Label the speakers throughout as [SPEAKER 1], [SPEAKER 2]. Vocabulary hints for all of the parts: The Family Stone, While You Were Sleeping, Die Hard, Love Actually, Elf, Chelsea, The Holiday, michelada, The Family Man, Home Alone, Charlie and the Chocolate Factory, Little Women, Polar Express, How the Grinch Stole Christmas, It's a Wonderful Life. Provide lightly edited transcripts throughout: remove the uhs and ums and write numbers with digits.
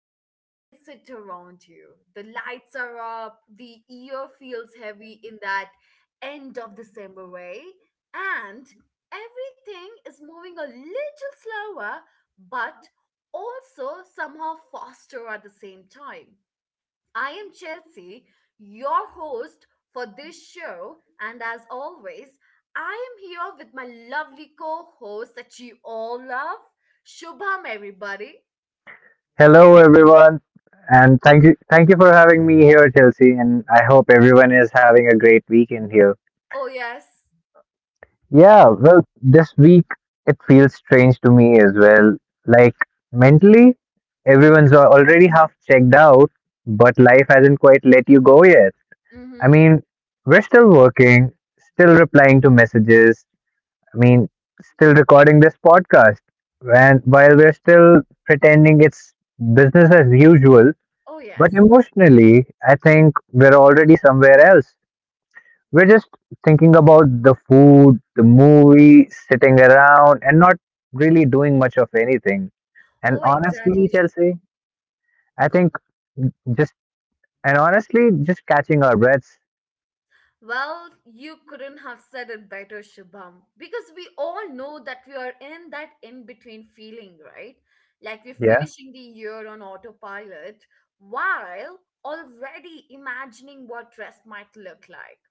[SPEAKER 1] You can sense it around you. The lights are up, the year feels heavy in that end of December way, and everything is moving a little slower, but also somehow faster at the same time. I am Chelsea, your host for this show, and as always, I am here with my lovely co host that you all love, Shubham, everybody.
[SPEAKER 2] Hello everyone and thank you for having me here, Chelsea, and I hope everyone is having a great weekend here.
[SPEAKER 1] Oh, yes.
[SPEAKER 2] Yeah, well this week it feels strange to me as well. Like mentally everyone's already half checked out but life hasn't quite let you go yet.
[SPEAKER 1] Mm
[SPEAKER 2] I
[SPEAKER 1] hmm.
[SPEAKER 2] mean, we're still working, still replying to messages, I mean, still recording this podcast and while we're still pretending it's business as usual.
[SPEAKER 1] Oh,
[SPEAKER 2] But
[SPEAKER 1] yes.
[SPEAKER 2] emotionally, I think we're already somewhere else. We're just thinking about the food, the movie, sitting around, and not really doing much of anything. And
[SPEAKER 1] Oh,
[SPEAKER 2] honestly,
[SPEAKER 1] exactly.
[SPEAKER 2] Chelsea, I think just and honestly, just catching our breaths.
[SPEAKER 1] Well, you couldn't have said it better, Shubham, because we all know that we are in that in between feeling, right? Like we're
[SPEAKER 2] Yeah.
[SPEAKER 1] finishing the year on autopilot while already imagining what rest might look like.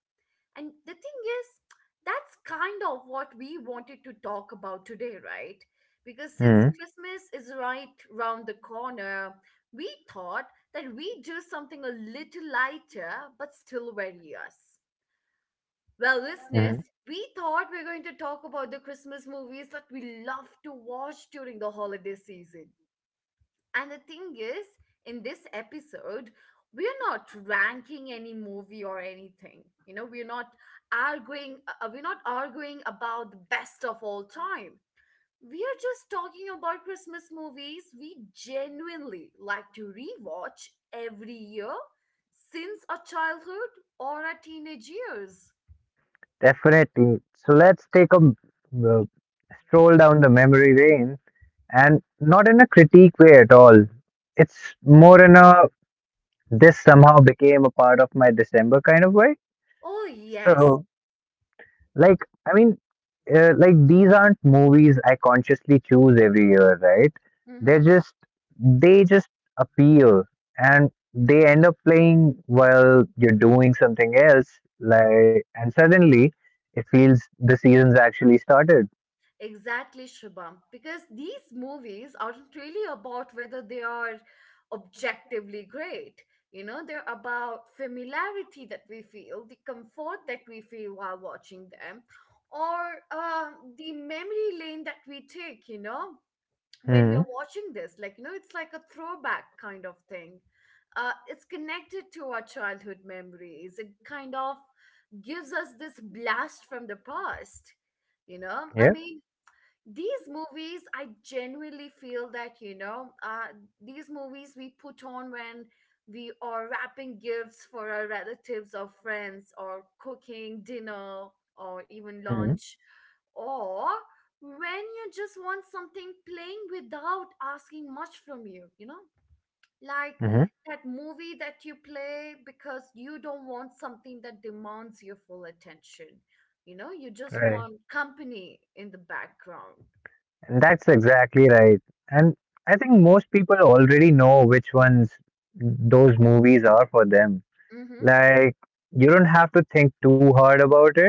[SPEAKER 1] And the thing is, that's kind of what we wanted to talk about today, right? Because since
[SPEAKER 2] hmm
[SPEAKER 1] Christmas is right round the corner, we thought that we'd do something a little lighter but still very us. Well,
[SPEAKER 2] hmm
[SPEAKER 1] listeners, we thought we are going to talk about the Christmas movies that we love to watch during the holiday season. And the thing is, in this episode, we're not ranking any movie or anything. You know, we're not arguing about the best of all time. We are just talking about Christmas movies we genuinely like to rewatch every year since our childhood or our teenage years.
[SPEAKER 2] Definitely. So let's take a stroll down the memory lane, and not in a critique way at all. It's more in a this somehow became a part of my December kind of way.
[SPEAKER 1] Oh, yes.
[SPEAKER 2] So, like, I mean, like these aren't movies I consciously choose every year, right?
[SPEAKER 1] Mm-hmm.
[SPEAKER 2] They're just they just appear and they end up playing while you're doing something else. Like, and suddenly it feels the season's actually started.
[SPEAKER 1] Exactly, Shubham. Because these movies aren't really about whether they are objectively great. You know, they're about familiarity that we feel, the comfort that we feel while watching them, or the memory lane that we take, you know, when we
[SPEAKER 2] Hmm.
[SPEAKER 1] are watching this, like it's like a throwback kind of thing. It's connected to our childhood memories. It kind of gives us this blast from the past.
[SPEAKER 2] Yeah.
[SPEAKER 1] I mean, these movies I genuinely feel that these movies we put on when we are wrapping gifts for our relatives or friends, or cooking dinner or even
[SPEAKER 2] Hmm.
[SPEAKER 1] lunch, or when you just want something plain without asking much from you you know Like
[SPEAKER 2] hmm
[SPEAKER 1] that movie that you play because you don't want something that demands your full attention. You just
[SPEAKER 2] Right.
[SPEAKER 1] want company in the background.
[SPEAKER 2] And that's exactly right. And I think most people already know which ones those movies are for them.
[SPEAKER 1] Mm-hmm.
[SPEAKER 2] Like, you don't have to think too hard about it,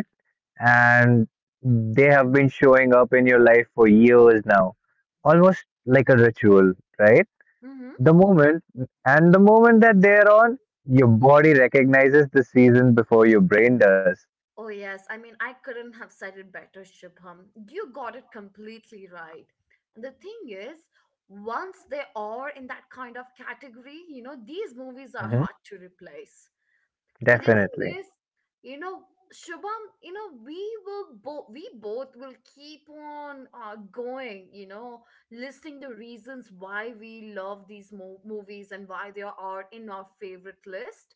[SPEAKER 2] and they have been showing up in your life for years now, almost like a ritual, right?
[SPEAKER 1] Mm-hmm.
[SPEAKER 2] The moment, and the moment that they're on, your body recognizes the season before your brain does.
[SPEAKER 1] Oh yes. I mean, I couldn't have said it better, Shubham. You got it completely right. And the thing is, once they are in that kind of category, you know, these movies are
[SPEAKER 2] hmm
[SPEAKER 1] hard to replace. But the
[SPEAKER 2] Definitely.
[SPEAKER 1] thing is, you know, Shubham, we will both we both will keep on going, listing the reasons why we love these movies and why they are in our favorite list.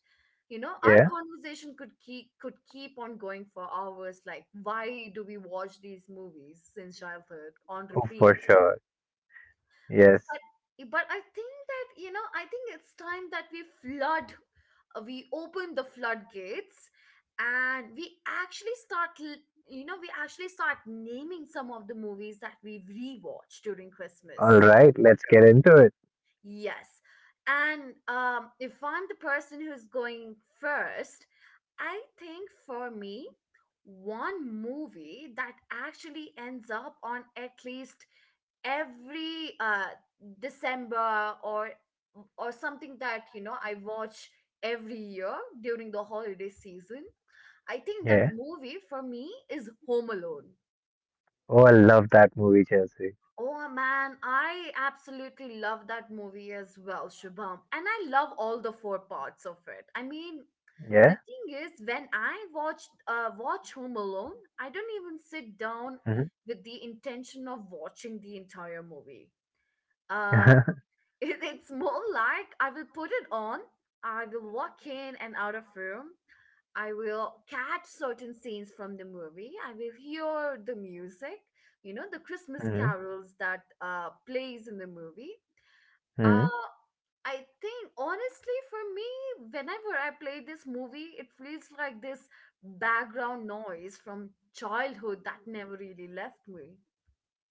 [SPEAKER 1] Our
[SPEAKER 2] Yeah,
[SPEAKER 1] conversation could keep on going for hours. Like, why do we watch these movies since childhood on
[SPEAKER 2] oh, for
[SPEAKER 1] repeat?
[SPEAKER 2] sure. Yes.
[SPEAKER 1] but but I think that you know I think it's time that we open the floodgates, and we actually start l- you know we actually start naming some of the movies that we rewatch during
[SPEAKER 2] All
[SPEAKER 1] Christmas.
[SPEAKER 2] right, let's get into it.
[SPEAKER 1] Yes, and if I'm the person who's going first, I think for me, one movie that actually ends up on at least every December or something that I watch every year during the holiday season. I think that
[SPEAKER 2] Yeah.
[SPEAKER 1] movie for me is Home Alone.
[SPEAKER 2] Oh, I love that movie, Chelsea.
[SPEAKER 1] Oh man, I absolutely love that movie as well, Shubham. And I love all the four parts of it. I mean, the
[SPEAKER 2] Yeah.
[SPEAKER 1] thing is when I watch Home Alone, I don't even sit down with the intention of watching the entire movie. Um,
[SPEAKER 2] Mm-hmm.
[SPEAKER 1] it's more like I will put it on, I will walk in and out of room, I will catch certain scenes from the movie, I will hear the music, you know, the Christmas
[SPEAKER 2] hmm
[SPEAKER 1] carols that plays in the movie.
[SPEAKER 2] hmm
[SPEAKER 1] Uh, I think honestly for me, whenever I play this movie, it feels like this background noise from childhood that never really left me.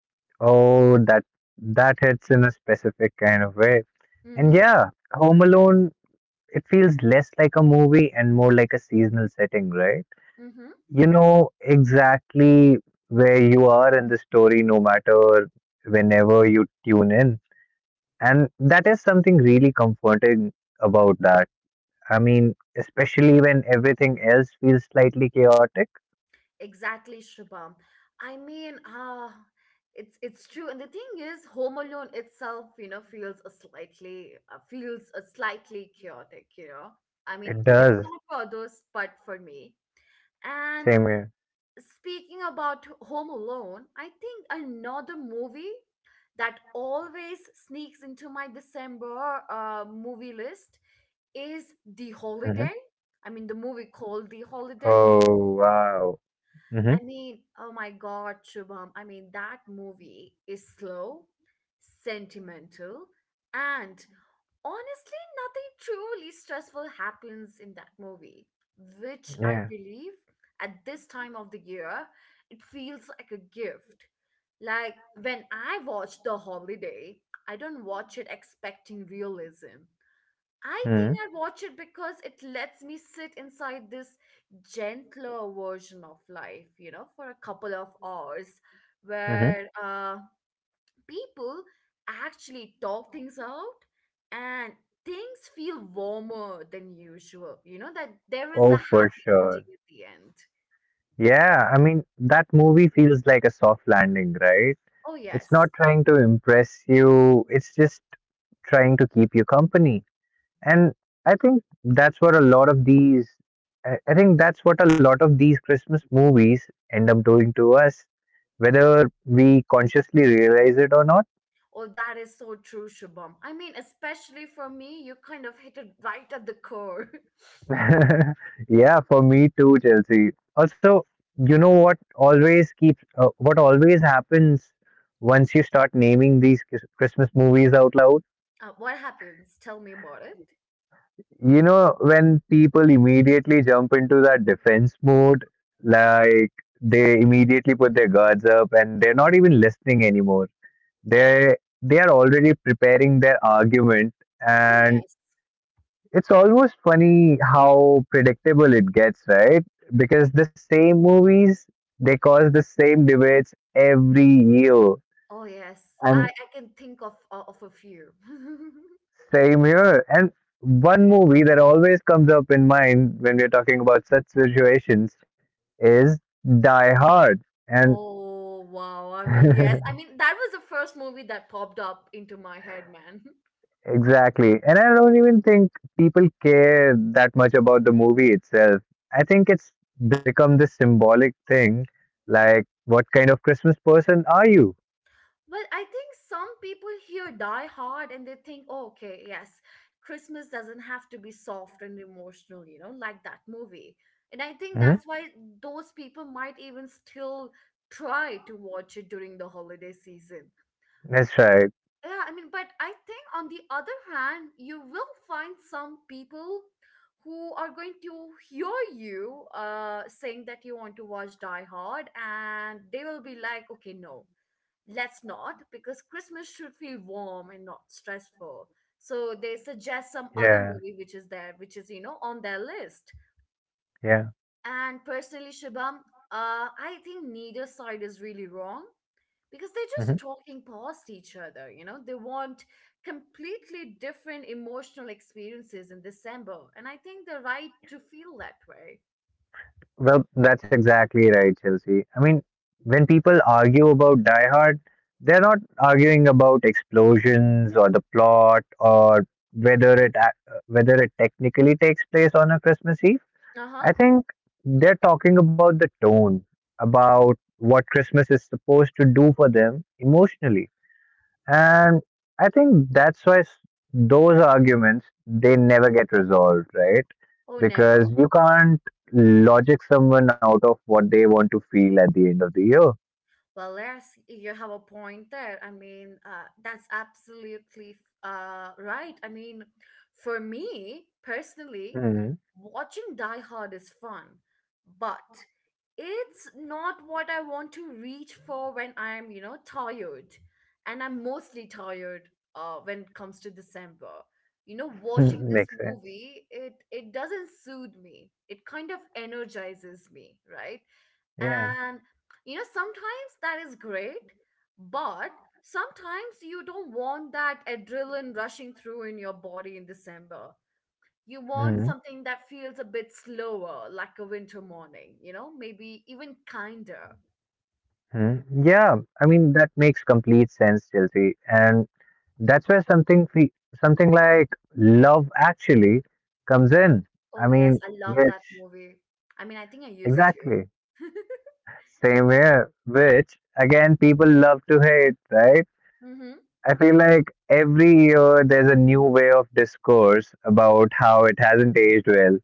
[SPEAKER 2] Oh, that hits in a specific kind of way. And
[SPEAKER 1] Mm-hmm.
[SPEAKER 2] yeah, Home Alone, it feels less like a movie and more like a seasonal setting, right?
[SPEAKER 1] Mm-hmm.
[SPEAKER 2] You know exactly where you are in the story, no matter whenever you tune in. And that is something really comforting about that. I mean, especially when everything else feels slightly chaotic,
[SPEAKER 1] Exactly, Shubham. I mean, it's true. And the thing is, Home Alone itself, you know, feels a slightly chaotic. I mean,
[SPEAKER 2] it
[SPEAKER 1] if
[SPEAKER 2] does.
[SPEAKER 1] not for others, but for me. And
[SPEAKER 2] Same here.
[SPEAKER 1] speaking about Home Alone, I think another movie that always sneaks into my December movie list is The
[SPEAKER 2] hmm
[SPEAKER 1] Holiday. I mean, the movie called The Holiday.
[SPEAKER 2] Oh, wow. hmm
[SPEAKER 1] I mean, oh my God, Shubham. I mean, that movie is slow, sentimental, and honestly, nothing truly stressful happens in that movie, which I
[SPEAKER 2] Yeah.
[SPEAKER 1] believe at this time of the year, it feels like a gift. Like when I watch The Holiday, I don't watch it expecting realism. I think
[SPEAKER 2] hmm
[SPEAKER 1] I watch it because it lets me sit inside this gentler version of life, you know, for a couple of hours
[SPEAKER 2] hmm
[SPEAKER 1] where people actually talk things out and things feel warmer than usual, you know, that there is
[SPEAKER 2] Oh,
[SPEAKER 1] a
[SPEAKER 2] for
[SPEAKER 1] ending
[SPEAKER 2] sure.
[SPEAKER 1] at the end.
[SPEAKER 2] Yeah, I mean, that movie feels like a soft landing, right?
[SPEAKER 1] Oh,
[SPEAKER 2] It's not
[SPEAKER 1] yes.
[SPEAKER 2] trying to impress you, it's just trying to keep you company. And I think that's what a lot of these, I think that's what a lot of these Christmas movies end up doing to us, whether we consciously realize it or not.
[SPEAKER 1] Oh, that is so true, Shubham. I mean, especially for me, you kind of hit it right at the core.
[SPEAKER 2] Yeah, for me too, Chelsea. Also, you know what always keeps what always happens once you start naming these Christmas movies out loud.
[SPEAKER 1] What happens? Tell me about it.
[SPEAKER 2] You know, when people immediately jump into that defense mode, like they immediately put their guards up and they're not even listening anymore. They they are already preparing their argument,
[SPEAKER 1] Oh
[SPEAKER 2] and
[SPEAKER 1] yes.
[SPEAKER 2] it's almost funny how predictable it gets, right? Because the same movies, they cause the same debates every year.
[SPEAKER 1] Oh yes. I
[SPEAKER 2] And
[SPEAKER 1] I can think of of a few.
[SPEAKER 2] same here. And one movie that always comes up in mind when we're talking about such situations is Die Hard. And
[SPEAKER 1] Oh wow. I mean, yes. I mean, that was the first movie that popped up into my head, man.
[SPEAKER 2] exactly. And I don't even think people care that much about the movie itself. I think it's become this symbolic thing like, what kind of Christmas person are you?
[SPEAKER 1] But I think some people hear Die Hard and they think, oh, okay, yes, Christmas doesn't have to be soft and emotional, you know, like that movie. And I think
[SPEAKER 2] hmm
[SPEAKER 1] that's why those people might even still try to watch it during the holiday season.
[SPEAKER 2] That's right.
[SPEAKER 1] Yeah, I mean, but I think on the other hand, you will find some people who are going to hear you saying that you want to watch Die Hard, and they will be like, okay, no, let's not, because Christmas should feel warm and not stressful. So they suggest some other
[SPEAKER 2] Yeah.
[SPEAKER 1] movie which is there, which is, you know, on their list.
[SPEAKER 2] Yeah.
[SPEAKER 1] And personally, Shibam, I think neither side is really wrong, because they're just
[SPEAKER 2] hmm
[SPEAKER 1] talking past each other, they want completely different emotional experiences in December, and I think they're right to feel that way.
[SPEAKER 2] Well, that's exactly right, Chelsea. I mean, when people argue about Die Hard, they're not arguing about explosions or the plot or whether it technically takes place on a Christmas Eve. I
[SPEAKER 1] Uh-huh.
[SPEAKER 2] think they're talking about the tone, about what Christmas is supposed to do for them emotionally. And I think that's why those arguments they never get resolved, right?
[SPEAKER 1] Oh, never.
[SPEAKER 2] Because you can't logic someone out of what they want to feel at the end of the year.
[SPEAKER 1] Well, yes, you have a point there. I mean, that's absolutely right. I mean, for me personally, watching Die Hard is fun, but it's not what I want to reach for when I'm, you know, tired. And I'm mostly tired when it comes to December. You know, watching this
[SPEAKER 2] Makes sense.
[SPEAKER 1] movie, it doesn't soothe me. It kind of energizes me, right? And sometimes that is great, but sometimes you don't want that adrenaline rushing through in your body in December. You want
[SPEAKER 2] Yeah.
[SPEAKER 1] something that feels a bit slower, like a winter morning, you know, maybe even kinder.
[SPEAKER 2] Hmm. Yeah, I mean that makes complete sense, Chelsea, and that's something like love actually comes in. I
[SPEAKER 1] Oh yes,
[SPEAKER 2] mean,
[SPEAKER 1] I love that
[SPEAKER 2] which
[SPEAKER 1] movie. I mean, I think I used to.
[SPEAKER 2] exactly same here. Which again, people love to hate, right?
[SPEAKER 1] Mm-hmm.
[SPEAKER 2] I feel like every year there's a new way of discourse about how it hasn't aged well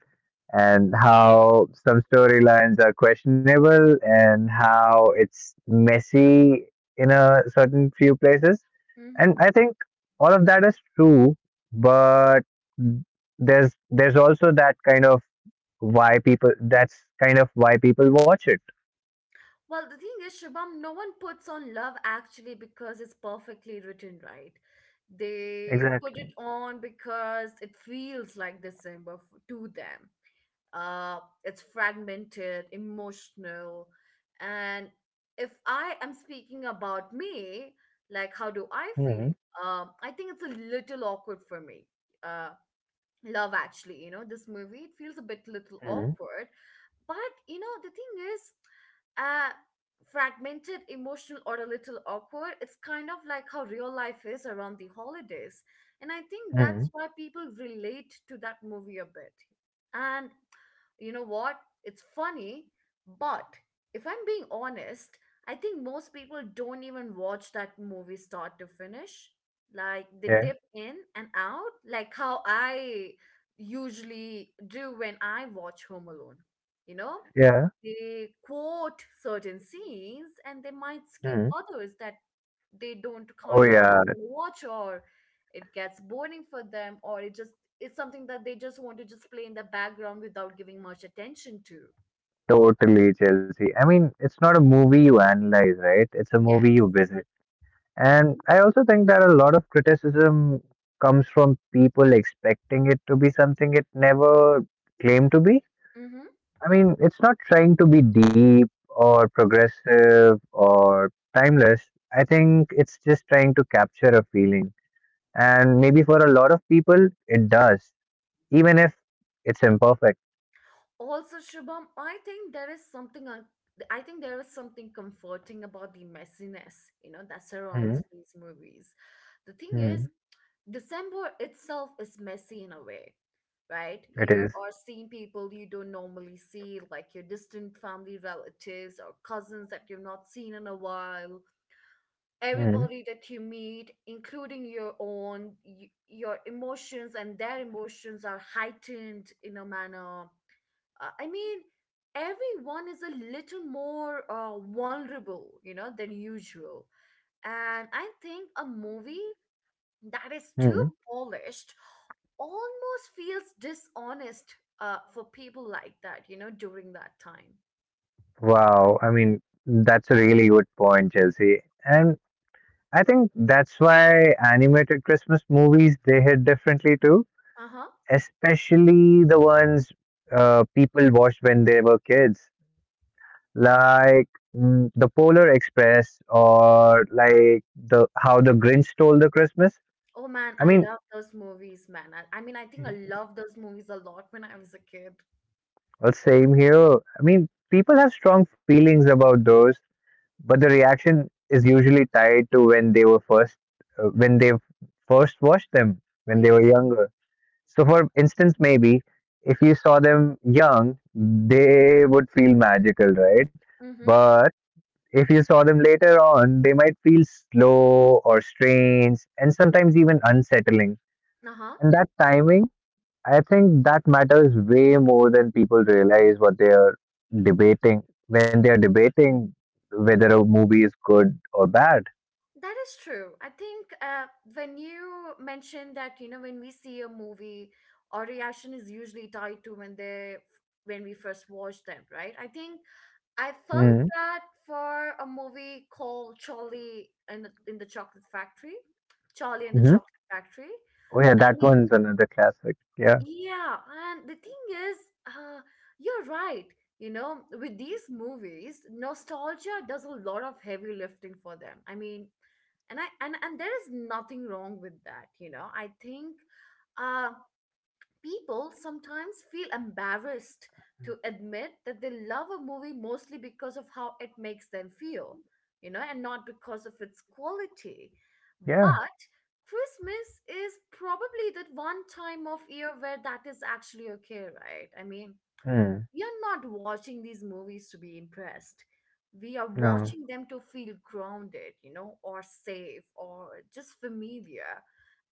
[SPEAKER 2] and how some storylines are questionable and how it's messy in a certain few places. And I think all of that is true, but there's also that kind of why people that's kind of why people watch it.
[SPEAKER 1] Well, the thing is, Shubham, no one puts on love actually because it's perfectly written, right? They put
[SPEAKER 2] Exactly.
[SPEAKER 1] it on because it feels like December to them. Uh, it's fragmented, emotional. And if I am speaking about me, like how do I feel?
[SPEAKER 2] hmm
[SPEAKER 1] I think it's a little awkward for me. Uh, Love actually, you know, this movie, it feels a bit little awkward, but the thing is, uh fragmented, emotional, or a little awkward, it's kind of like how real life is around the holidays. And I think that's
[SPEAKER 2] hmm
[SPEAKER 1] why people relate to that movie a bit. And you know what? It's funny, but if I'm being honest, I think most people don't even watch that movie start to finish. Like they
[SPEAKER 2] Yeah.
[SPEAKER 1] dip in and out, like how I usually do when I watch Home Alone. You know,
[SPEAKER 2] Yeah.
[SPEAKER 1] they quote certain scenes and they might skip
[SPEAKER 2] hmm
[SPEAKER 1] others that they don't
[SPEAKER 2] Oh
[SPEAKER 1] kind of
[SPEAKER 2] yeah,
[SPEAKER 1] watch, or it gets boring for them, or it's something that they just want to just play in the background without giving much attention to.
[SPEAKER 2] totally Chelsea. I mean, it's not a movie you analyze, right? It's a movie
[SPEAKER 1] Yes.
[SPEAKER 2] you visit. And I also think that a lot of criticism comes from people expecting it to be something it never claimed to be.
[SPEAKER 1] Mm-hmm.
[SPEAKER 2] I mean, it's not trying to be deep or progressive or timeless. I think it's just trying to capture a feeling. And maybe for a lot of people, it does, even if it's imperfect.
[SPEAKER 1] Also, Shubham, I think there is something comforting about the messiness that
[SPEAKER 2] Hmm.
[SPEAKER 1] surrounds these movies. The thing is,
[SPEAKER 2] Hmm.
[SPEAKER 1] December itself is messy in a way, right?
[SPEAKER 2] It
[SPEAKER 1] You
[SPEAKER 2] is.
[SPEAKER 1] are seeing people you don't normally see, like your distant family relatives or cousins that you've not seen in a while.
[SPEAKER 2] Hmm.
[SPEAKER 1] Everybody that you meet, including your own, your emotions and their emotions are heightened in a manner. I mean, everyone is a little more vulnerable, you know, than usual. And I think a movie that is too
[SPEAKER 2] Hmm.
[SPEAKER 1] polished almost feels dishonest for people like that, you know, during that time.
[SPEAKER 2] Wow. I mean, that's a really good point, Chelsea. And I think that's why animated Christmas movies they hit differently too,
[SPEAKER 1] Uh-huh.
[SPEAKER 2] especially the ones people watched when they were kids, like mm, the Polar Express or like the How the Grinch Stole the Christmas.
[SPEAKER 1] Oh man,
[SPEAKER 2] I
[SPEAKER 1] I
[SPEAKER 2] mean,
[SPEAKER 1] love those movies, man. I mean, I think I loved those movies a lot when I was a kid.
[SPEAKER 2] well, same here. I mean, people have strong feelings about those, but the reaction is usually tied to when they were uh, when they first watched them
[SPEAKER 1] Oh
[SPEAKER 2] when they were
[SPEAKER 1] yes.
[SPEAKER 2] younger. So, for instance, maybe if you saw them young, they would feel magical, right?
[SPEAKER 1] Mm-hmm.
[SPEAKER 2] But if you saw them later on, they might feel slow or strange and sometimes even unsettling.
[SPEAKER 1] Uh-huh.
[SPEAKER 2] And that timing, I think that matters way more than people realize what they are debating when they are debating whether a movie is good or bad.
[SPEAKER 1] That is true. I think when you mentioned that, you know, when we see a movie, our reaction is usually tied to when we first watch them, right? I think I
[SPEAKER 2] Hmm.
[SPEAKER 1] felt that for a movie called Charlie and the
[SPEAKER 2] Mm-hmm.
[SPEAKER 1] Chocolate Factory.
[SPEAKER 2] Oh, yeah,
[SPEAKER 1] I
[SPEAKER 2] that
[SPEAKER 1] mean,
[SPEAKER 2] one's another classic. Yeah.
[SPEAKER 1] yeah, and the thing is, uh, you're right. You know, with these movies, nostalgia does a lot of heavy lifting for them. I mean, and there is nothing wrong with that. I think uh people sometimes feel embarrassed to admit that they love a movie mostly because of how it makes them feel, you know, and not because of its quality.
[SPEAKER 2] Yeah.
[SPEAKER 1] But Christmas is probably the one time of year where that is actually okay, right? I mean,
[SPEAKER 2] Hmm.
[SPEAKER 1] we are not watching these movies to be impressed. We are
[SPEAKER 2] No.
[SPEAKER 1] watching them to feel grounded, you know, or safe or just familiar.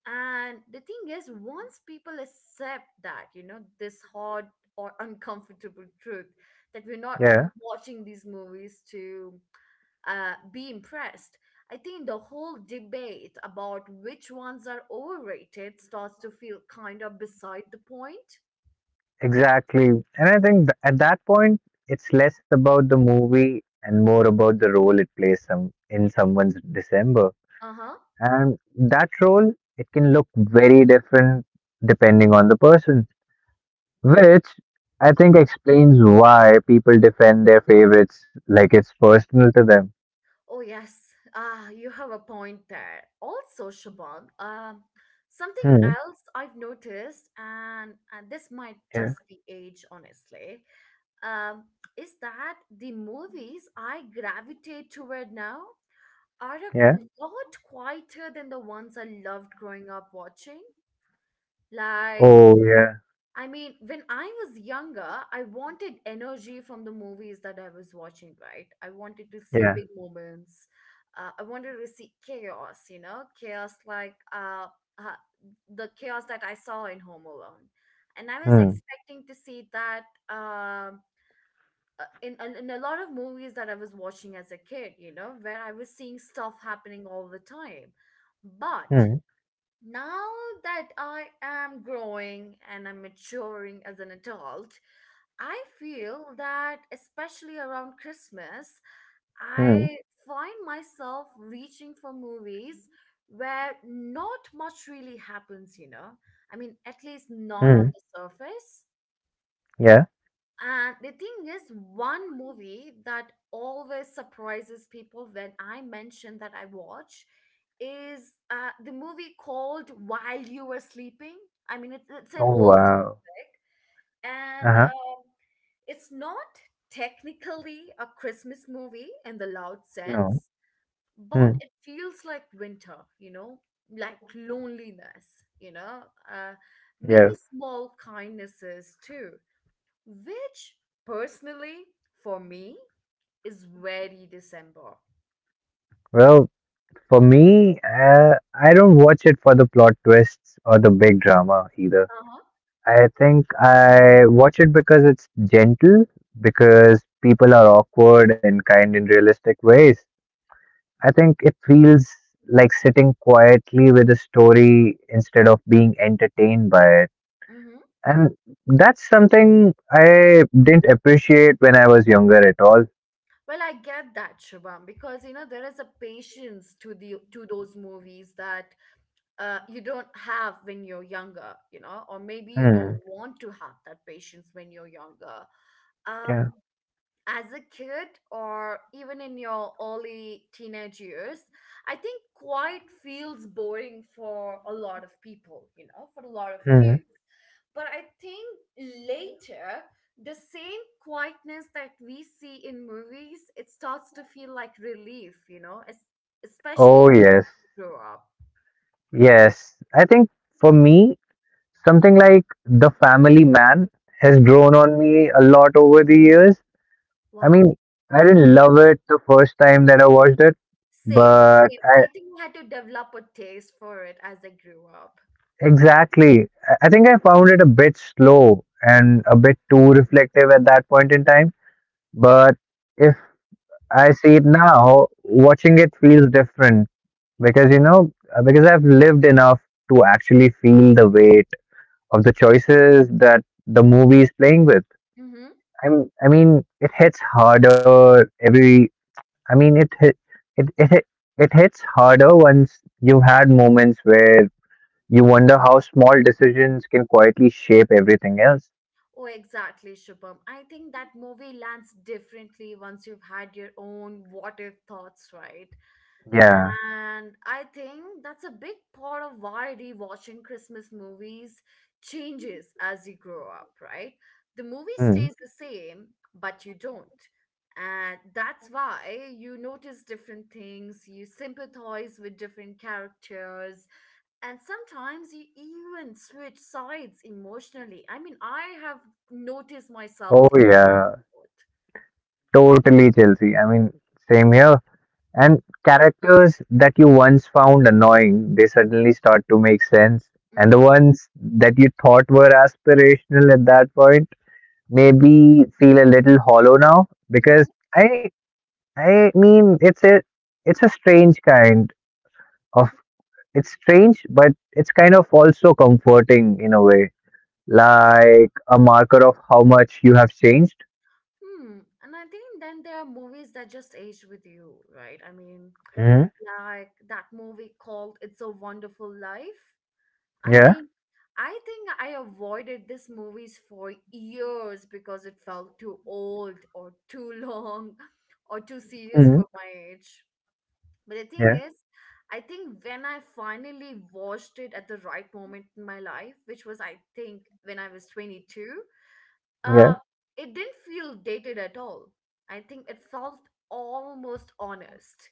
[SPEAKER 1] And the thing is, once people accept that, you know, this hard or uncomfortable truth that we're not m-
[SPEAKER 2] Yeah.
[SPEAKER 1] watching these movies to be impressed, I think the whole debate about which ones are overrated starts to feel kind of beside the point.
[SPEAKER 2] Exactly. And I think at that point, it's less about the movie and more about the role it plays some in someone's December.
[SPEAKER 1] Uh huh.
[SPEAKER 2] And that role, it can look very different depending on the person, which I think explains why people defend their favorites like it's personal to them.
[SPEAKER 1] Oh yes, ah, you have a point there. Also, Shaban, something
[SPEAKER 2] Hmm.
[SPEAKER 1] else I've noticed, and this might
[SPEAKER 2] Yeah.
[SPEAKER 1] just be age, honestly. um, is that the movies I gravitate toward now are a
[SPEAKER 2] Yeah.
[SPEAKER 1] lot quieter than the ones I loved growing up watching. Like,
[SPEAKER 2] Oh, yeah.
[SPEAKER 1] I mean, when I was younger, I wanted energy from the movies that I was watching, right? I wanted to see
[SPEAKER 2] Yeah.
[SPEAKER 1] big moments. I wanted to see chaos, you know, chaos like uh, the chaos that I saw in Home Alone. And I was
[SPEAKER 2] Hmm.
[SPEAKER 1] expecting to see that in, in a lot of movies that I was watching as a kid, you know, where I was seeing stuff happening all the time. But
[SPEAKER 2] Hmm.
[SPEAKER 1] now that I am growing and I'm maturing as an adult, I feel that especially around Christmas,
[SPEAKER 2] Hmm.
[SPEAKER 1] I find myself reaching for movies where not much really happens, you know? I mean, at least not on
[SPEAKER 2] Hmm.
[SPEAKER 1] the surface.
[SPEAKER 2] Yeah.
[SPEAKER 1] And the thing is, one movie that always surprises people when I mention that I watch is the movie called While You Were Sleeping. I mean, it's an
[SPEAKER 2] Oh,
[SPEAKER 1] old,
[SPEAKER 2] wow.
[SPEAKER 1] and
[SPEAKER 2] Uh-huh.
[SPEAKER 1] it's not technically a Christmas movie in the loud
[SPEAKER 2] No.
[SPEAKER 1] sense, but
[SPEAKER 2] Hmm.
[SPEAKER 1] it feels like winter, you know, like loneliness, you know, uh, maybe
[SPEAKER 2] Yeah.
[SPEAKER 1] small kindnesses too, which personally for me is very December.
[SPEAKER 2] Well, for me, I don't watch it for the plot twists or the big drama either.
[SPEAKER 1] Uh-huh.
[SPEAKER 2] I think I watch it because it's gentle, because people are awkward and kind in realistic ways. I think it feels like sitting quietly with a story instead of being entertained by it.
[SPEAKER 1] Mm-hmm.
[SPEAKER 2] And that's something I didn't appreciate when I was younger at all.
[SPEAKER 1] Well, I get that, Shubham, because you know there is a patience to the to those movies that you don't have when you're younger, you know, or maybe you don't
[SPEAKER 2] Hmm.
[SPEAKER 1] want to have that patience when you're younger. Um,
[SPEAKER 2] Yeah.
[SPEAKER 1] as a kid or even in your early teenage years, I think quite feels boring for a lot of people, you know, for a lot of kids.
[SPEAKER 2] Hmm.
[SPEAKER 1] But I think later, the same quietness that we see in movies, it starts to feel like relief, you know, especially
[SPEAKER 2] Oh,
[SPEAKER 1] when
[SPEAKER 2] yes.
[SPEAKER 1] you grow up.
[SPEAKER 2] Yes. I think for me, something like The Family Man has
[SPEAKER 1] Hmm.
[SPEAKER 2] grown on me a lot over the years. I
[SPEAKER 1] Wow.
[SPEAKER 2] mean, I didn't love it the first time that I watched it,
[SPEAKER 1] Same,
[SPEAKER 2] but
[SPEAKER 1] same.
[SPEAKER 2] I
[SPEAKER 1] I think I had to develop a taste for it as I grew up.
[SPEAKER 2] exactly, I think I found it a bit slow and a bit too reflective at that point in time. But if I see it now, watching it feels different because you know, because I've lived enough to actually feel the weight of the choices that the movie is playing with. I mean, it hits harder every. I mean, it hit, it hit- It hits harder once you've had moments where you wonder how small decisions can quietly shape everything else.
[SPEAKER 1] Oh, exactly, Shubham. I think that movie lands differently once you've had your own what if thoughts, right?
[SPEAKER 2] Yeah.
[SPEAKER 1] And I think that's a big part of why rewatching Christmas movies changes as you grow up, right? The movie
[SPEAKER 2] Hmm.
[SPEAKER 1] stays the same, but you don't. And that's why you notice different things, you sympathize with different characters, and sometimes you even switch sides emotionally. I mean, I have noticed
[SPEAKER 2] Oh
[SPEAKER 1] myself doing
[SPEAKER 2] yeah. Totally, Chelsea. I mean, same here. And characters that you once found annoying, they suddenly start to make sense. And the
[SPEAKER 1] it.
[SPEAKER 2] ones that you thought were aspirational at that point, maybe feel a little hollow now because
[SPEAKER 1] Mm-hmm.
[SPEAKER 2] I I mean, it's a strange of it's strange, but it's kind of also comforting in a way, like a marker of how much you have changed.
[SPEAKER 1] Hmm. And I think then there are movies that just age with you, right? I mean,
[SPEAKER 2] Mm,
[SPEAKER 1] like that movie called It's a Wonderful Life. I
[SPEAKER 2] yeah,
[SPEAKER 1] mean, I think I avoided this movies for years because it felt too old or too long or too serious
[SPEAKER 2] Mm.
[SPEAKER 1] for my age. But the thing
[SPEAKER 2] yeah.
[SPEAKER 1] is, I think when I finally watched it at the right moment in my life, which was I think when I was 22, uh,
[SPEAKER 2] Yeah.
[SPEAKER 1] it didn't feel dated at all. I think it felt almost honest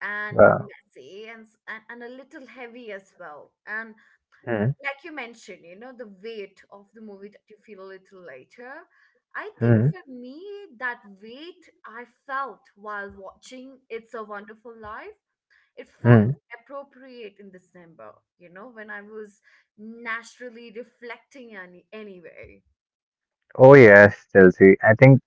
[SPEAKER 1] and
[SPEAKER 2] Wow.
[SPEAKER 1] messy and and a little heavy as well. And
[SPEAKER 2] Mm,
[SPEAKER 1] like you mentioned, you know, the weight of the movie that you feel a little later. I think
[SPEAKER 2] mm,
[SPEAKER 1] for me, that weight I felt while watching It's a Wonderful Life, it felt
[SPEAKER 2] mm.
[SPEAKER 1] appropriate in December, you know, when I was naturally reflecting anyway.
[SPEAKER 2] Oh yes, Chelsea. I think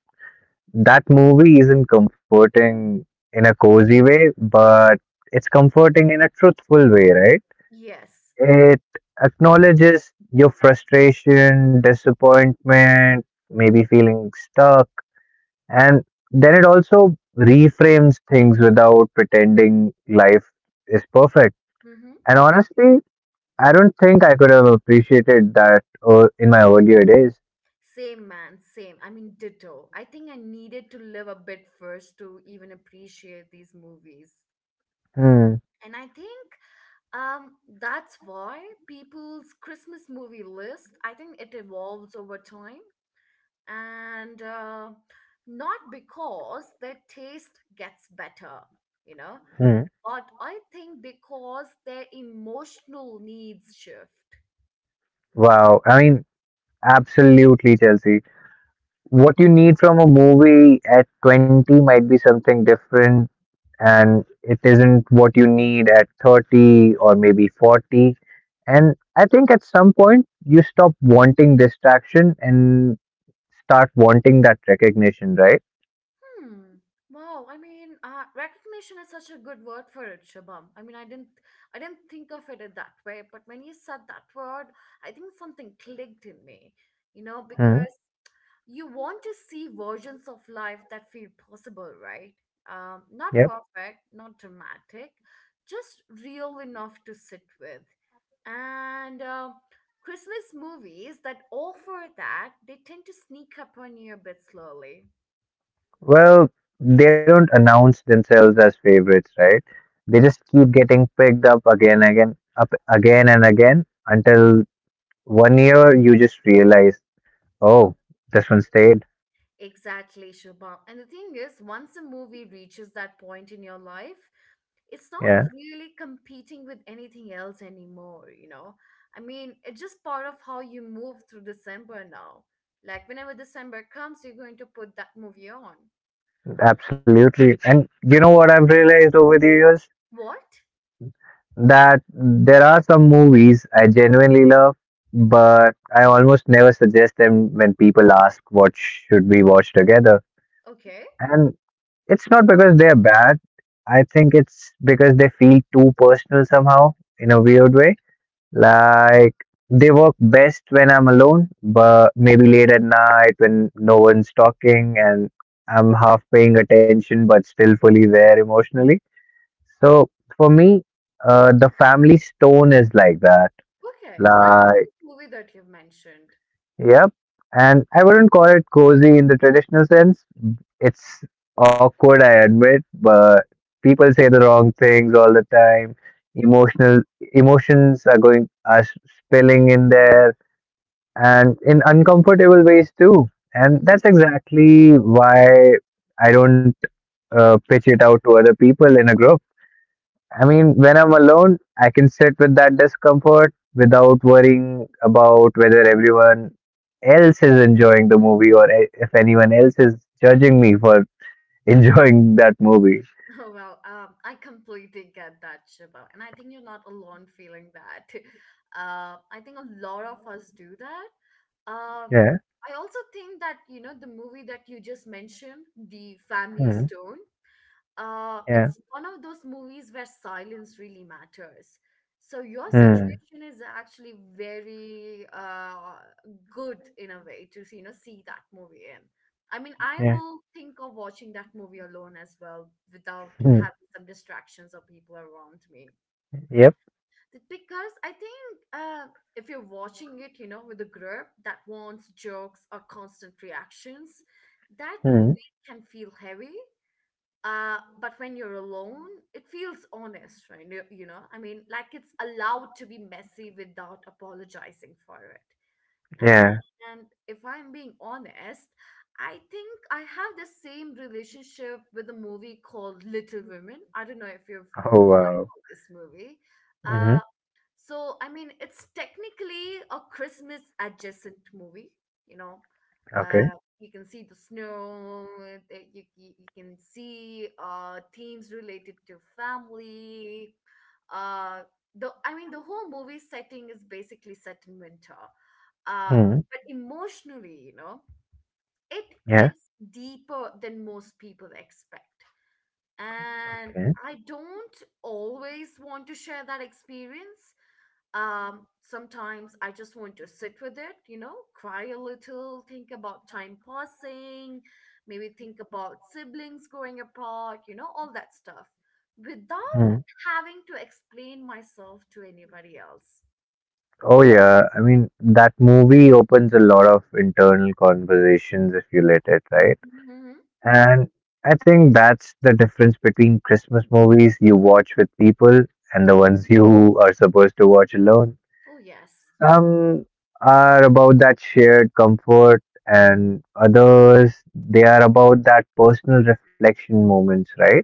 [SPEAKER 2] that movie isn't comforting in a cozy way, but it's comforting in a truthful way, right?
[SPEAKER 1] Yes.
[SPEAKER 2] It acknowledges your frustration, disappointment, maybe feeling stuck, and then it also reframes things without pretending life is perfect.
[SPEAKER 1] Mm-hmm.
[SPEAKER 2] And honestly, I don't think I could have appreciated that in my earlier days.
[SPEAKER 1] Same man, same. I mean, ditto. I think I needed to live a bit first to even appreciate these movies.
[SPEAKER 2] Hmm.
[SPEAKER 1] And I think um that's why people's Christmas movie list, I think it evolves over time. And not because their taste gets better, you know,
[SPEAKER 2] Hmm.
[SPEAKER 1] but I think because their emotional needs shift.
[SPEAKER 2] Wow. I mean, absolutely, Chelsea. What you need from a movie at 20 might be something different and it isn't what you need at 30 or maybe 40. And I think at some point you stop wanting distraction and start wanting that recognition, right?
[SPEAKER 1] Hmm. Wow. I mean, recognition is such a good word for it, Shabam. I mean, I didn't think of it in that way. But when you said that word, I think something clicked in me. You know,
[SPEAKER 2] Hmm.
[SPEAKER 1] because you want to see versions of life that feel possible, right?
[SPEAKER 2] Yep.
[SPEAKER 1] Not perfect, not dramatic, just real enough to sit with. And Christmas movies that offer that, they tend to sneak up on you a bit slowly.
[SPEAKER 2] Well, they don't announce themselves as favorites, right? They just keep getting picked up again, again, up again and again until one year you just realize, oh, this one stayed.
[SPEAKER 1] Exactly, Shubha. And the thing is, once a movie reaches that point in your life, it's not
[SPEAKER 2] Yeah,
[SPEAKER 1] really competing with anything else anymore, you know? I mean, it's just part of how you move through December now. Like, whenever December comes, you're going to put that movie on.
[SPEAKER 2] absolutely. And you know what I've realized over the years?
[SPEAKER 1] What?
[SPEAKER 2] That there are some movies I genuinely love, but I almost never suggest them when people ask what should we watch together.
[SPEAKER 1] Okay.
[SPEAKER 2] And it's not because they're bad. I think it's because they feel too personal somehow in a weird way. Like they work best when I'm alone, but maybe late at night when no one's talking and I'm half paying attention but still fully there emotionally. So for me, The Family Stone is like that.
[SPEAKER 1] Okay. That's a
[SPEAKER 2] Like,
[SPEAKER 1] nice movie that you've mentioned.
[SPEAKER 2] yep. And I wouldn't call it cozy in the traditional sense. It's awkward, I admit, but people say the wrong things all the time. Emotional emotions are going are spilling in there, and in uncomfortable ways too. And
[SPEAKER 1] Mm-hmm.
[SPEAKER 2] that's exactly why I don't pitch it out to other people in a group. I mean, when I'm alone, I can sit with that discomfort without worrying about whether everyone else is enjoying the movie or if anyone else is judging me for enjoying that movie.
[SPEAKER 1] Oh, well, I completely get that, Shiva. And I think you're not alone feeling that. I think a lot of us do that. Um,
[SPEAKER 2] Yeah.
[SPEAKER 1] I also think that, you know, the movie that you just mentioned, The Family
[SPEAKER 2] Hmm.
[SPEAKER 1] Stone,
[SPEAKER 2] Yeah.
[SPEAKER 1] it's one of those movies where silence really matters. So your
[SPEAKER 2] Hmm.
[SPEAKER 1] situation is actually very good in a way to see, you know, see that movie in. I mean, I
[SPEAKER 2] Yeah.
[SPEAKER 1] will think of watching that movie alone as well without
[SPEAKER 2] Hmm.
[SPEAKER 1] having some distractions or people around me.
[SPEAKER 2] Yep.
[SPEAKER 1] Because I think uh, if you're watching it, you know, with a group that wants jokes or constant reactions, that
[SPEAKER 2] Hmm.
[SPEAKER 1] movie can feel heavy, but when you're alone it feels honest, right? You know, I mean, like it's allowed to be messy without apologizing for it.
[SPEAKER 2] Yeah.
[SPEAKER 1] And if I'm being honest, I think I have the same relationship with a movie called Little Women. I don't know if you've
[SPEAKER 2] Oh
[SPEAKER 1] heard
[SPEAKER 2] wow.
[SPEAKER 1] about this movie. uh,
[SPEAKER 2] Mm-hmm.
[SPEAKER 1] so, I mean, it's technically a Christmas adjacent movie, you know.
[SPEAKER 2] Okay.
[SPEAKER 1] Uh, you can see the snow, you can see themes related to family. Uh, I mean, the whole movie setting is basically set in winter. Uh,
[SPEAKER 2] Hmm.
[SPEAKER 1] but emotionally, you know, it
[SPEAKER 2] Yeah.
[SPEAKER 1] hits deeper than most people expect, and
[SPEAKER 2] Okay.
[SPEAKER 1] I don't always want to share that experience. Sometimes I just want to sit with it, you know, cry a little, think about time passing, maybe think about siblings growing apart, you know, all that stuff
[SPEAKER 2] Hmm.
[SPEAKER 1] without having to explain myself to anybody else.
[SPEAKER 2] Oh yeah. I mean, that movie opens a lot of internal conversations if you let it, right?
[SPEAKER 1] Hmm.
[SPEAKER 2] And I think that's the difference between Christmas movies you watch with people and the ones you are supposed to watch alone.
[SPEAKER 1] Oh, yes.
[SPEAKER 2] Some are about that shared comfort, and others, they are about that personal reflection moments, right?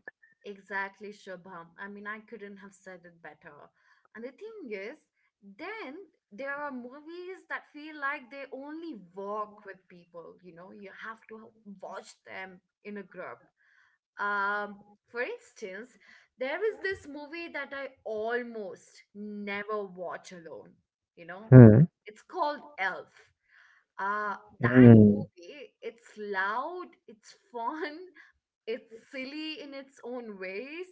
[SPEAKER 1] Exactly, Shubham. I mean, I couldn't have said it better. And the thing is, then there are movies that feel like they only work with people, you know, you have to watch them in a group. Um, for instance, there is this movie that I almost never watch alone, you know,
[SPEAKER 2] Hmm.
[SPEAKER 1] it's called Elf. Uh, that
[SPEAKER 2] Hmm.
[SPEAKER 1] movie, it's loud, it's fun, it's silly in its own ways.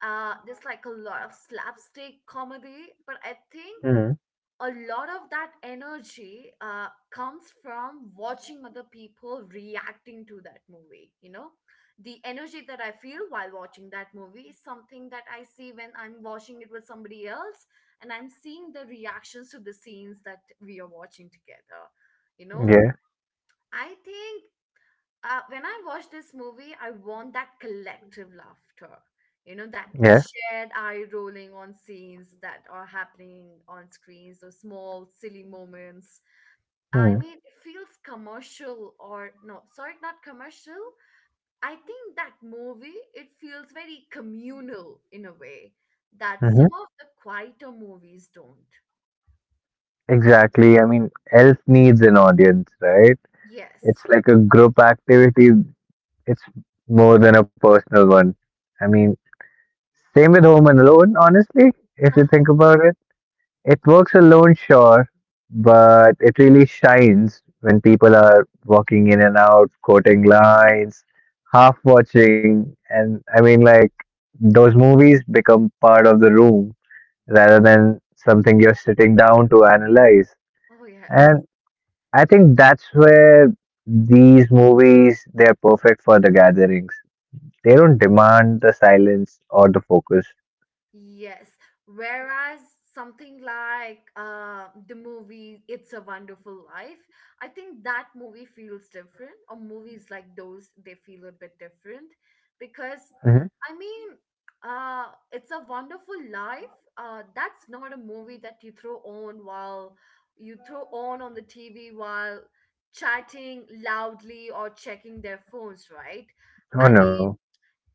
[SPEAKER 1] There's like a lot of slapstick comedy, but I think
[SPEAKER 2] Hmm.
[SPEAKER 1] a lot of that energy comes from watching other people reacting to that movie, you know. The energy that I feel while watching that movie is something that I see when I'm watching it with somebody else and I'm seeing the reactions to the scenes that we are watching together, you know.
[SPEAKER 2] Yeah.
[SPEAKER 1] I think when I watch this movie, I want that collective laughter. You know, that
[SPEAKER 2] Yeah.
[SPEAKER 1] shared eye rolling on scenes that are happening on screens, those small, silly moments. I
[SPEAKER 2] Hmm.
[SPEAKER 1] mean, it feels commercial or no, sorry, not commercial. I think that movie, it feels very communal in a way that
[SPEAKER 2] Mm-hmm.
[SPEAKER 1] some of the quieter movies don't.
[SPEAKER 2] Exactly. I mean, Elf needs an audience, right? It's
[SPEAKER 1] Yes.
[SPEAKER 2] like a group activity. It's more than a personal one. I mean, same with Home and Alone, honestly, if you
[SPEAKER 1] Uh-huh.
[SPEAKER 2] think about it. It works alone, sure, but it really shines when people are walking in and out, quoting lines, half watching, and I mean, like, those movies become part of the room rather than something you're sitting down to analyze.
[SPEAKER 1] Oh, yes.
[SPEAKER 2] And I think that's where these movies, they're perfect for the gatherings. They don't demand the silence or the focus.
[SPEAKER 1] Yes. Whereas something like the movie It's a Wonderful Life, I think that movie feels different, or movies like those, they feel a bit different because,
[SPEAKER 2] Mhm.
[SPEAKER 1] I mean, It's a Wonderful Life. That's not a movie that you throw on while you throw on the TV while chatting loudly or checking their phones, right?
[SPEAKER 2] Oh
[SPEAKER 1] I
[SPEAKER 2] no.
[SPEAKER 1] mean,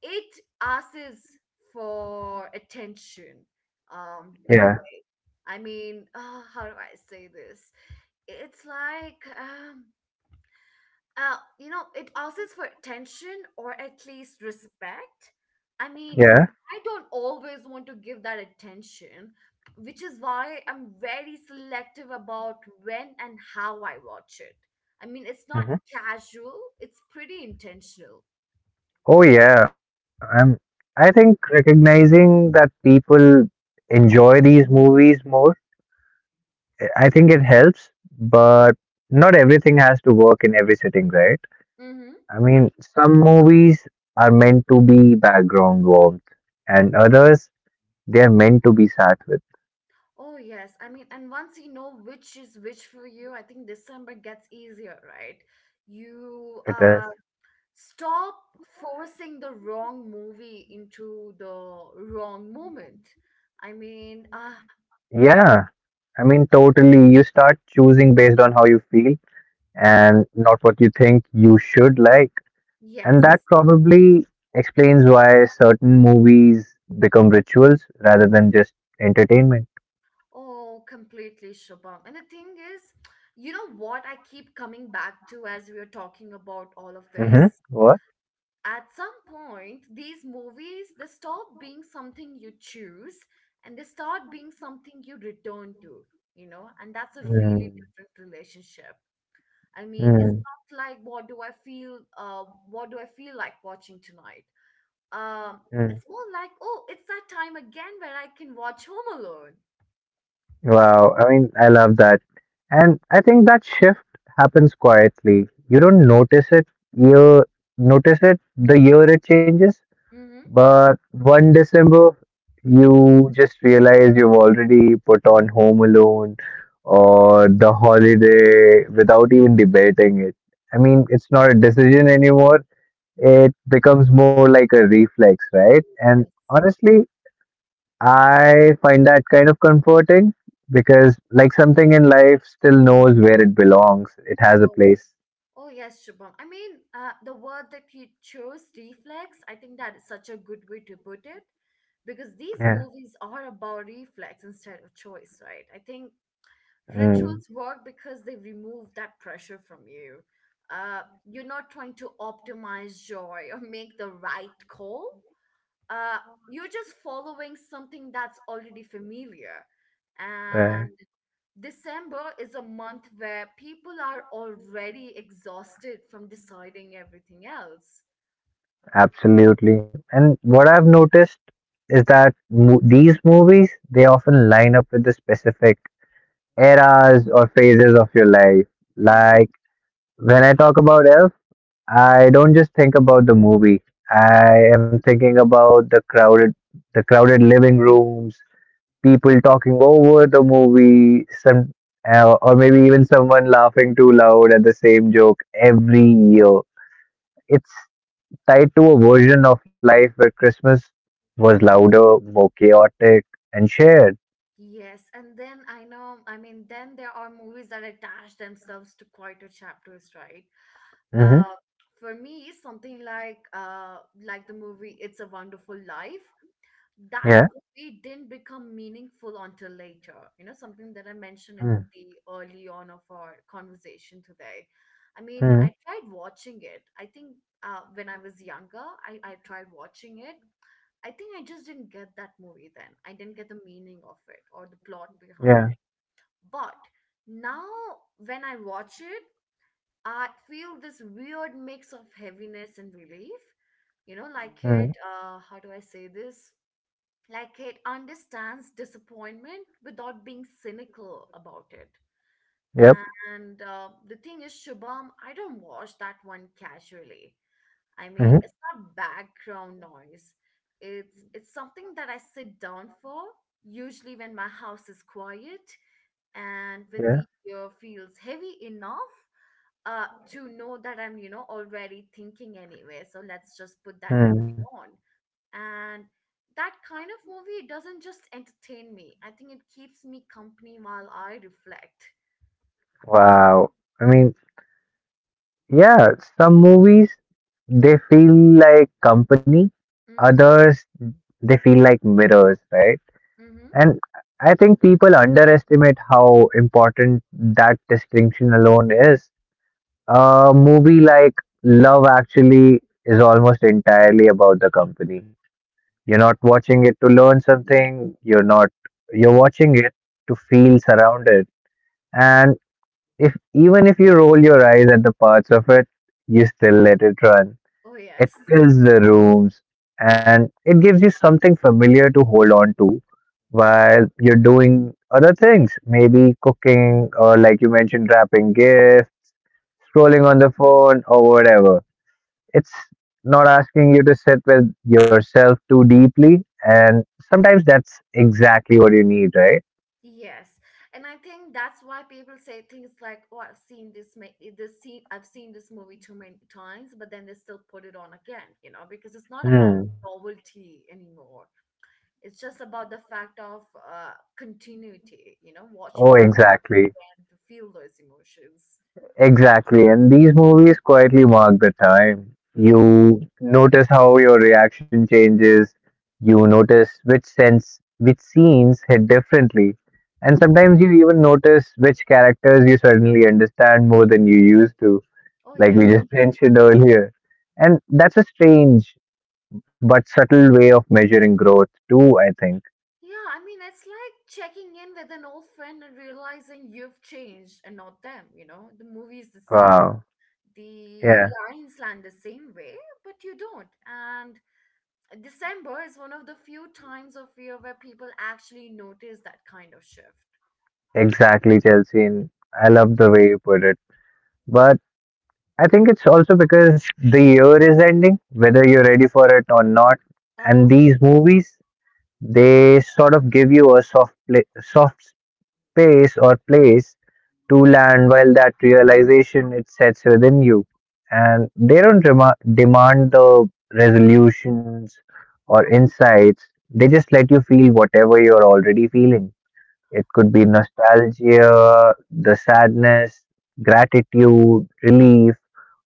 [SPEAKER 1] it asks for attention in a
[SPEAKER 2] Yeah,
[SPEAKER 1] way. How do I say this? It's like, it asks for attention, or at least respect. i mean
[SPEAKER 2] yeah.
[SPEAKER 1] I don't always want to give that attention, which is why I'm very selective about when and how I watch it. I mean, it's not
[SPEAKER 2] Hmm.
[SPEAKER 1] casual, it's pretty intentional.
[SPEAKER 2] Oh yeah, I'm. I think recognizing that people enjoy these movies more, I think it helps. But not everything has to work in every sitting, right?
[SPEAKER 1] Mm-hmm.
[SPEAKER 2] I mean, some movies are meant to be background warmth, and others they are meant to be sat with.
[SPEAKER 1] Oh, yes. I mean, and once you know which is which for you, I think December gets easier, right? You
[SPEAKER 2] It is.
[SPEAKER 1] stop forcing the wrong movie into the wrong moment. I mean, uh,
[SPEAKER 2] Yeah, I mean, totally. You start choosing based on how you feel and not what you think you should like.
[SPEAKER 1] yes.
[SPEAKER 2] And that probably explains why certain movies become rituals rather than just entertainment.
[SPEAKER 1] Oh, completely, Shubham. And the thing is, you know what I keep coming back to as we are talking about all of
[SPEAKER 2] Hmm.
[SPEAKER 1] this?
[SPEAKER 2] What?
[SPEAKER 1] At some point, these movies, they stop being something you choose and they start being something you return to, you know, and that's a really
[SPEAKER 2] Mm.
[SPEAKER 1] different relationship. I mean, it's
[SPEAKER 2] Mm.
[SPEAKER 1] not like, what do I feel like watching tonight? um
[SPEAKER 2] Mm.
[SPEAKER 1] it's more like, oh, it's that time again where I can watch Home Alone.
[SPEAKER 2] Wow. I mean, I love that. And I think that shift happens quietly. You don't notice it. You notice it the year it changes.
[SPEAKER 1] Mm-hmm.
[SPEAKER 2] But one December, you just realize you've already put on Home Alone or The Holiday without even debating it. I mean, it's not a decision anymore. It becomes more like a reflex, right? And honestly, I find that kind of comforting because, like, something in life still knows where it belongs, it has a place.
[SPEAKER 1] Oh yes, Shubham. I mean, the word that you chose, reflex, I think that is such a good way to put it, because these
[SPEAKER 2] Yeah.
[SPEAKER 1] movies are about reflex instead of choice, right? I think
[SPEAKER 2] Mm,
[SPEAKER 1] rituals work because they remove that pressure from you. You're not trying to optimize joy or make the right call. Uh, you're just following something that's already familiar. And.
[SPEAKER 2] right.
[SPEAKER 1] December is a month where people are already exhausted from deciding everything else.
[SPEAKER 2] Absolutely. And what I've noticed is that these movies they often line up with the specific eras or phases of your life.
[SPEAKER 1] Mm-hmm.
[SPEAKER 2] Like when I talk about Elf, I don't just think about the movie. I am thinking about the crowded living rooms, people talking over the movie, some or maybe even someone laughing too loud at the same joke every year. It's tied to a version of life where Christmas was louder, more chaotic, and shared.
[SPEAKER 1] Yes, and then I know, I mean, then there are movies that attach themselves to quieter chapters, right?
[SPEAKER 2] Mm-hmm.
[SPEAKER 1] Uh, for me, something like the movie "It's a Wonderful Life." That
[SPEAKER 2] Yeah.
[SPEAKER 1] movie didn't become meaningful until later, you know, something that I mentioned in the early on of our conversation today. I mean,
[SPEAKER 2] Mm-hmm.
[SPEAKER 1] I tried watching it, I think when I was younger. I tried watching it. I think I just didn't get that movie then. I didn't get the meaning of it or the plot behind
[SPEAKER 2] Yeah.
[SPEAKER 1] it. But now, when I watch it, I feel this weird mix of heaviness and relief. You know, like
[SPEAKER 2] Mm.
[SPEAKER 1] it, how do I say this, like it understands disappointment without being cynical about it.
[SPEAKER 2] Yep.
[SPEAKER 1] And the thing is, Shubham, I don't watch that one casually. I mean,
[SPEAKER 2] Mm-hmm.
[SPEAKER 1] it's not background noise. It's something that I sit down for, usually when my house is quiet and when the
[SPEAKER 2] Yeah.
[SPEAKER 1] year feels heavy enough, to know that I'm, you know, already thinking anyway, so let's just put that
[SPEAKER 2] Mm.
[SPEAKER 1] movie on. And that kind of movie doesn't just entertain me, I think it keeps me company while I reflect.
[SPEAKER 2] Wow. I mean, yeah, some movies they feel like company,
[SPEAKER 1] Mm-hmm.
[SPEAKER 2] others they feel like mirrors, right?
[SPEAKER 1] Mm-hmm.
[SPEAKER 2] And I think people underestimate how important that distinction alone is. A movie like Love Actually is almost entirely about the company. You're not watching it to learn something. You're not. You're watching it to feel surrounded. And if even if you roll your eyes at the parts of it, you still let it run.
[SPEAKER 1] Oh
[SPEAKER 2] It
[SPEAKER 1] yes.
[SPEAKER 2] fills the rooms, and it gives you something familiar to hold on to while you're doing other things, maybe cooking or like you mentioned, wrapping gifts, scrolling on the phone, or whatever. It's not asking you to sit with yourself too deeply, and sometimes that's exactly what you need, right?
[SPEAKER 1] Yes, and I think that's why people say things like, oh, I've seen this scene, I've seen this movie too many times, but then they still put it on again, you know, because it's not about
[SPEAKER 2] Hmm.
[SPEAKER 1] novelty anymore. It's just about the fact of uh, continuity, you know,
[SPEAKER 2] Oh,
[SPEAKER 1] watching that
[SPEAKER 2] exactly.
[SPEAKER 1] again to feel those emotions.
[SPEAKER 2] Exactly, and these movies quietly mark the time. You
[SPEAKER 1] Hmm.
[SPEAKER 2] notice how your reaction changes, you notice which sense which scenes hit differently, and sometimes you even notice which characters you suddenly understand more than you used to,
[SPEAKER 1] Oh
[SPEAKER 2] like we
[SPEAKER 1] yes.
[SPEAKER 2] just mentioned earlier. And that's a strange but subtle way of measuring growth too, I think.
[SPEAKER 1] Yeah, I mean, it's like checking in with an old friend and realizing you've changed and not them, you know? The movie is the same.
[SPEAKER 2] Wow.
[SPEAKER 1] The
[SPEAKER 2] Yeah,
[SPEAKER 1] lines land the same way, but you don't. And December is one of the few times of year where people actually notice that kind of shift.
[SPEAKER 2] exactly, Chelsea. And I love the way you put it, but I think it's also because the year is ending whether you're ready for it or not. And
[SPEAKER 1] Uh-huh.
[SPEAKER 2] these movies, they sort of give you a soft space or place to land while that realization it sets within you. And they don't demand the resolutions or insights. They just let you feel whatever you're already feeling. It could
[SPEAKER 1] Oh,
[SPEAKER 2] be nostalgia, the sadness, gratitude, relief,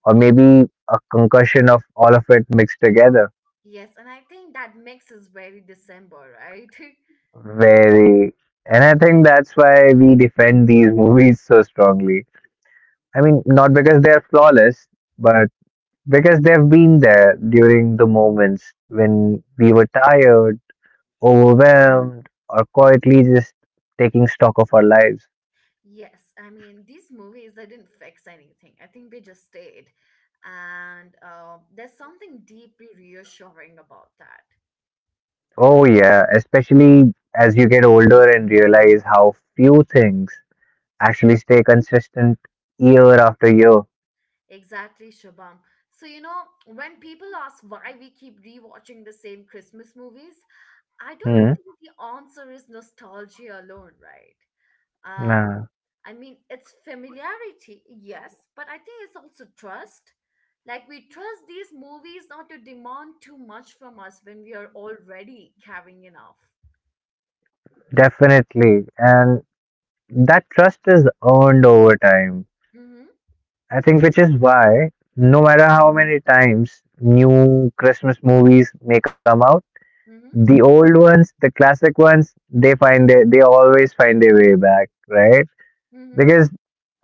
[SPEAKER 2] or maybe a concussion of all of it mixed together.
[SPEAKER 1] yes, and I think that mix is very December, right?
[SPEAKER 2] Very. And I think that's why we defend these movies so strongly. I mean, not because they are flawless, but because they've been there during the moments when we were tired, overwhelmed, or quietly just taking stock of our lives.
[SPEAKER 1] Yes, I mean, these movies, they didn't fix anything. I think they just stayed, and there's something deeply reassuring about that.
[SPEAKER 2] Oh, yeah, especially as you get older and realize how few things actually stay consistent year after year.
[SPEAKER 1] Exactly, Shabam. So, you know, when people ask why we keep rewatching the same Christmas movies, I don't
[SPEAKER 2] Hmm.
[SPEAKER 1] think the answer is nostalgia alone, right? Uh,
[SPEAKER 2] Yeah,
[SPEAKER 1] I mean, it's familiarity, yes, but I think it's also trust. Like, we trust these movies not to demand too much from us when we are already carrying enough.
[SPEAKER 2] definitely. And that trust is earned over time.
[SPEAKER 1] Mm hmm,
[SPEAKER 2] I think, which is why, no matter how many times new Christmas movies may come out,
[SPEAKER 1] mm hmm,
[SPEAKER 2] the old ones, the classic ones, they find their, they always find their way back, right?
[SPEAKER 1] mm hmm.
[SPEAKER 2] Because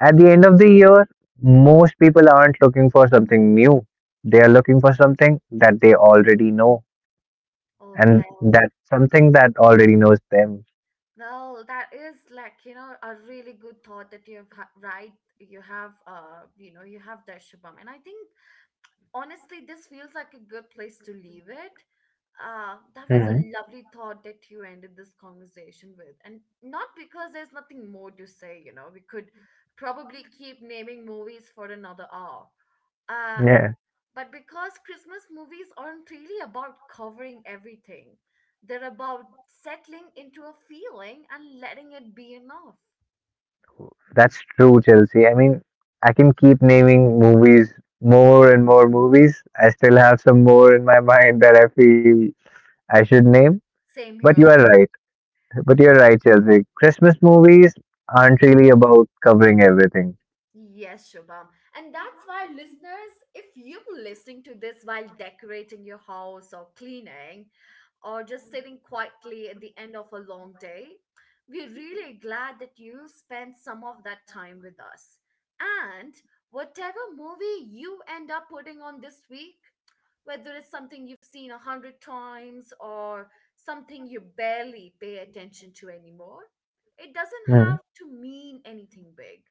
[SPEAKER 2] at the end of the year, most people aren't looking for something new. They are looking for something that they already know,
[SPEAKER 1] Oh,
[SPEAKER 2] and
[SPEAKER 1] well.
[SPEAKER 2] that something that already knows them.
[SPEAKER 1] Well, that is like, you know, a really good thought that right. You have, you know, you have there, Shubham. And I think honestly, this feels like a good place to leave it. That was
[SPEAKER 2] Mhm.
[SPEAKER 1] a lovely thought that you ended this conversation with. And not because there's nothing more to say, you know, we could probably keep naming movies for another hour. Uh,
[SPEAKER 2] Yeah,
[SPEAKER 1] but because Christmas movies aren't really about covering everything, they're about settling into a feeling and letting it be enough.
[SPEAKER 2] that's true, Chelsea. I mean, I can keep naming movies, more and more movies. I still have some more in my mind that I feel I should name.
[SPEAKER 1] Same
[SPEAKER 2] But you
[SPEAKER 1] here.
[SPEAKER 2] are right. But you're right, Chelsea. Christmas movies aren't really about covering everything.
[SPEAKER 1] Yes, Shubham. And that's why, listeners, if you're listening to this while decorating your house or cleaning or just sitting quietly at the end of a long day, we're really glad that you spent some of that time with us. And whatever movie you end up putting on this week, whether it's something you've seen 100 times or something you barely pay attention to anymore, it doesn't
[SPEAKER 2] Hmm.
[SPEAKER 1] have to mean anything big.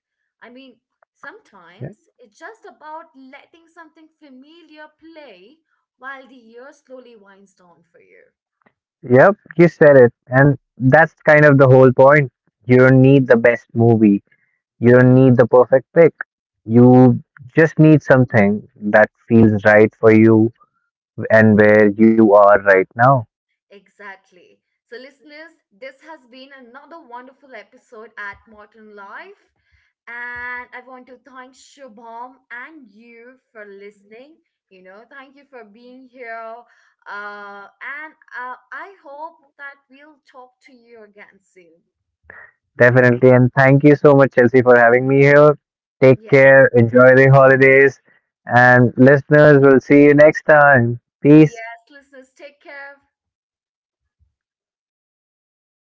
[SPEAKER 1] I mean,
[SPEAKER 2] Yeah.
[SPEAKER 1] sometimes it's just about letting something familiar play while the year slowly winds down for you.
[SPEAKER 2] Yep, you said it. And that's kind of the whole point. You don't need the best movie, you don't need the perfect pick. You just need something that feels right for you and where you are right now.
[SPEAKER 1] Exactly. So, listeners, this has been another wonderful episode at Modern Life. And I want to thank Shubham and you for listening. You know, thank you for being here. And I hope that we'll talk to you again soon.
[SPEAKER 2] Definitely. And thank you so much, Chelsea, for having me here. Take
[SPEAKER 1] Yeah.
[SPEAKER 2] care, enjoy the holidays, and listeners, we'll see you next time. Peace.
[SPEAKER 1] Yes, listeners, take care.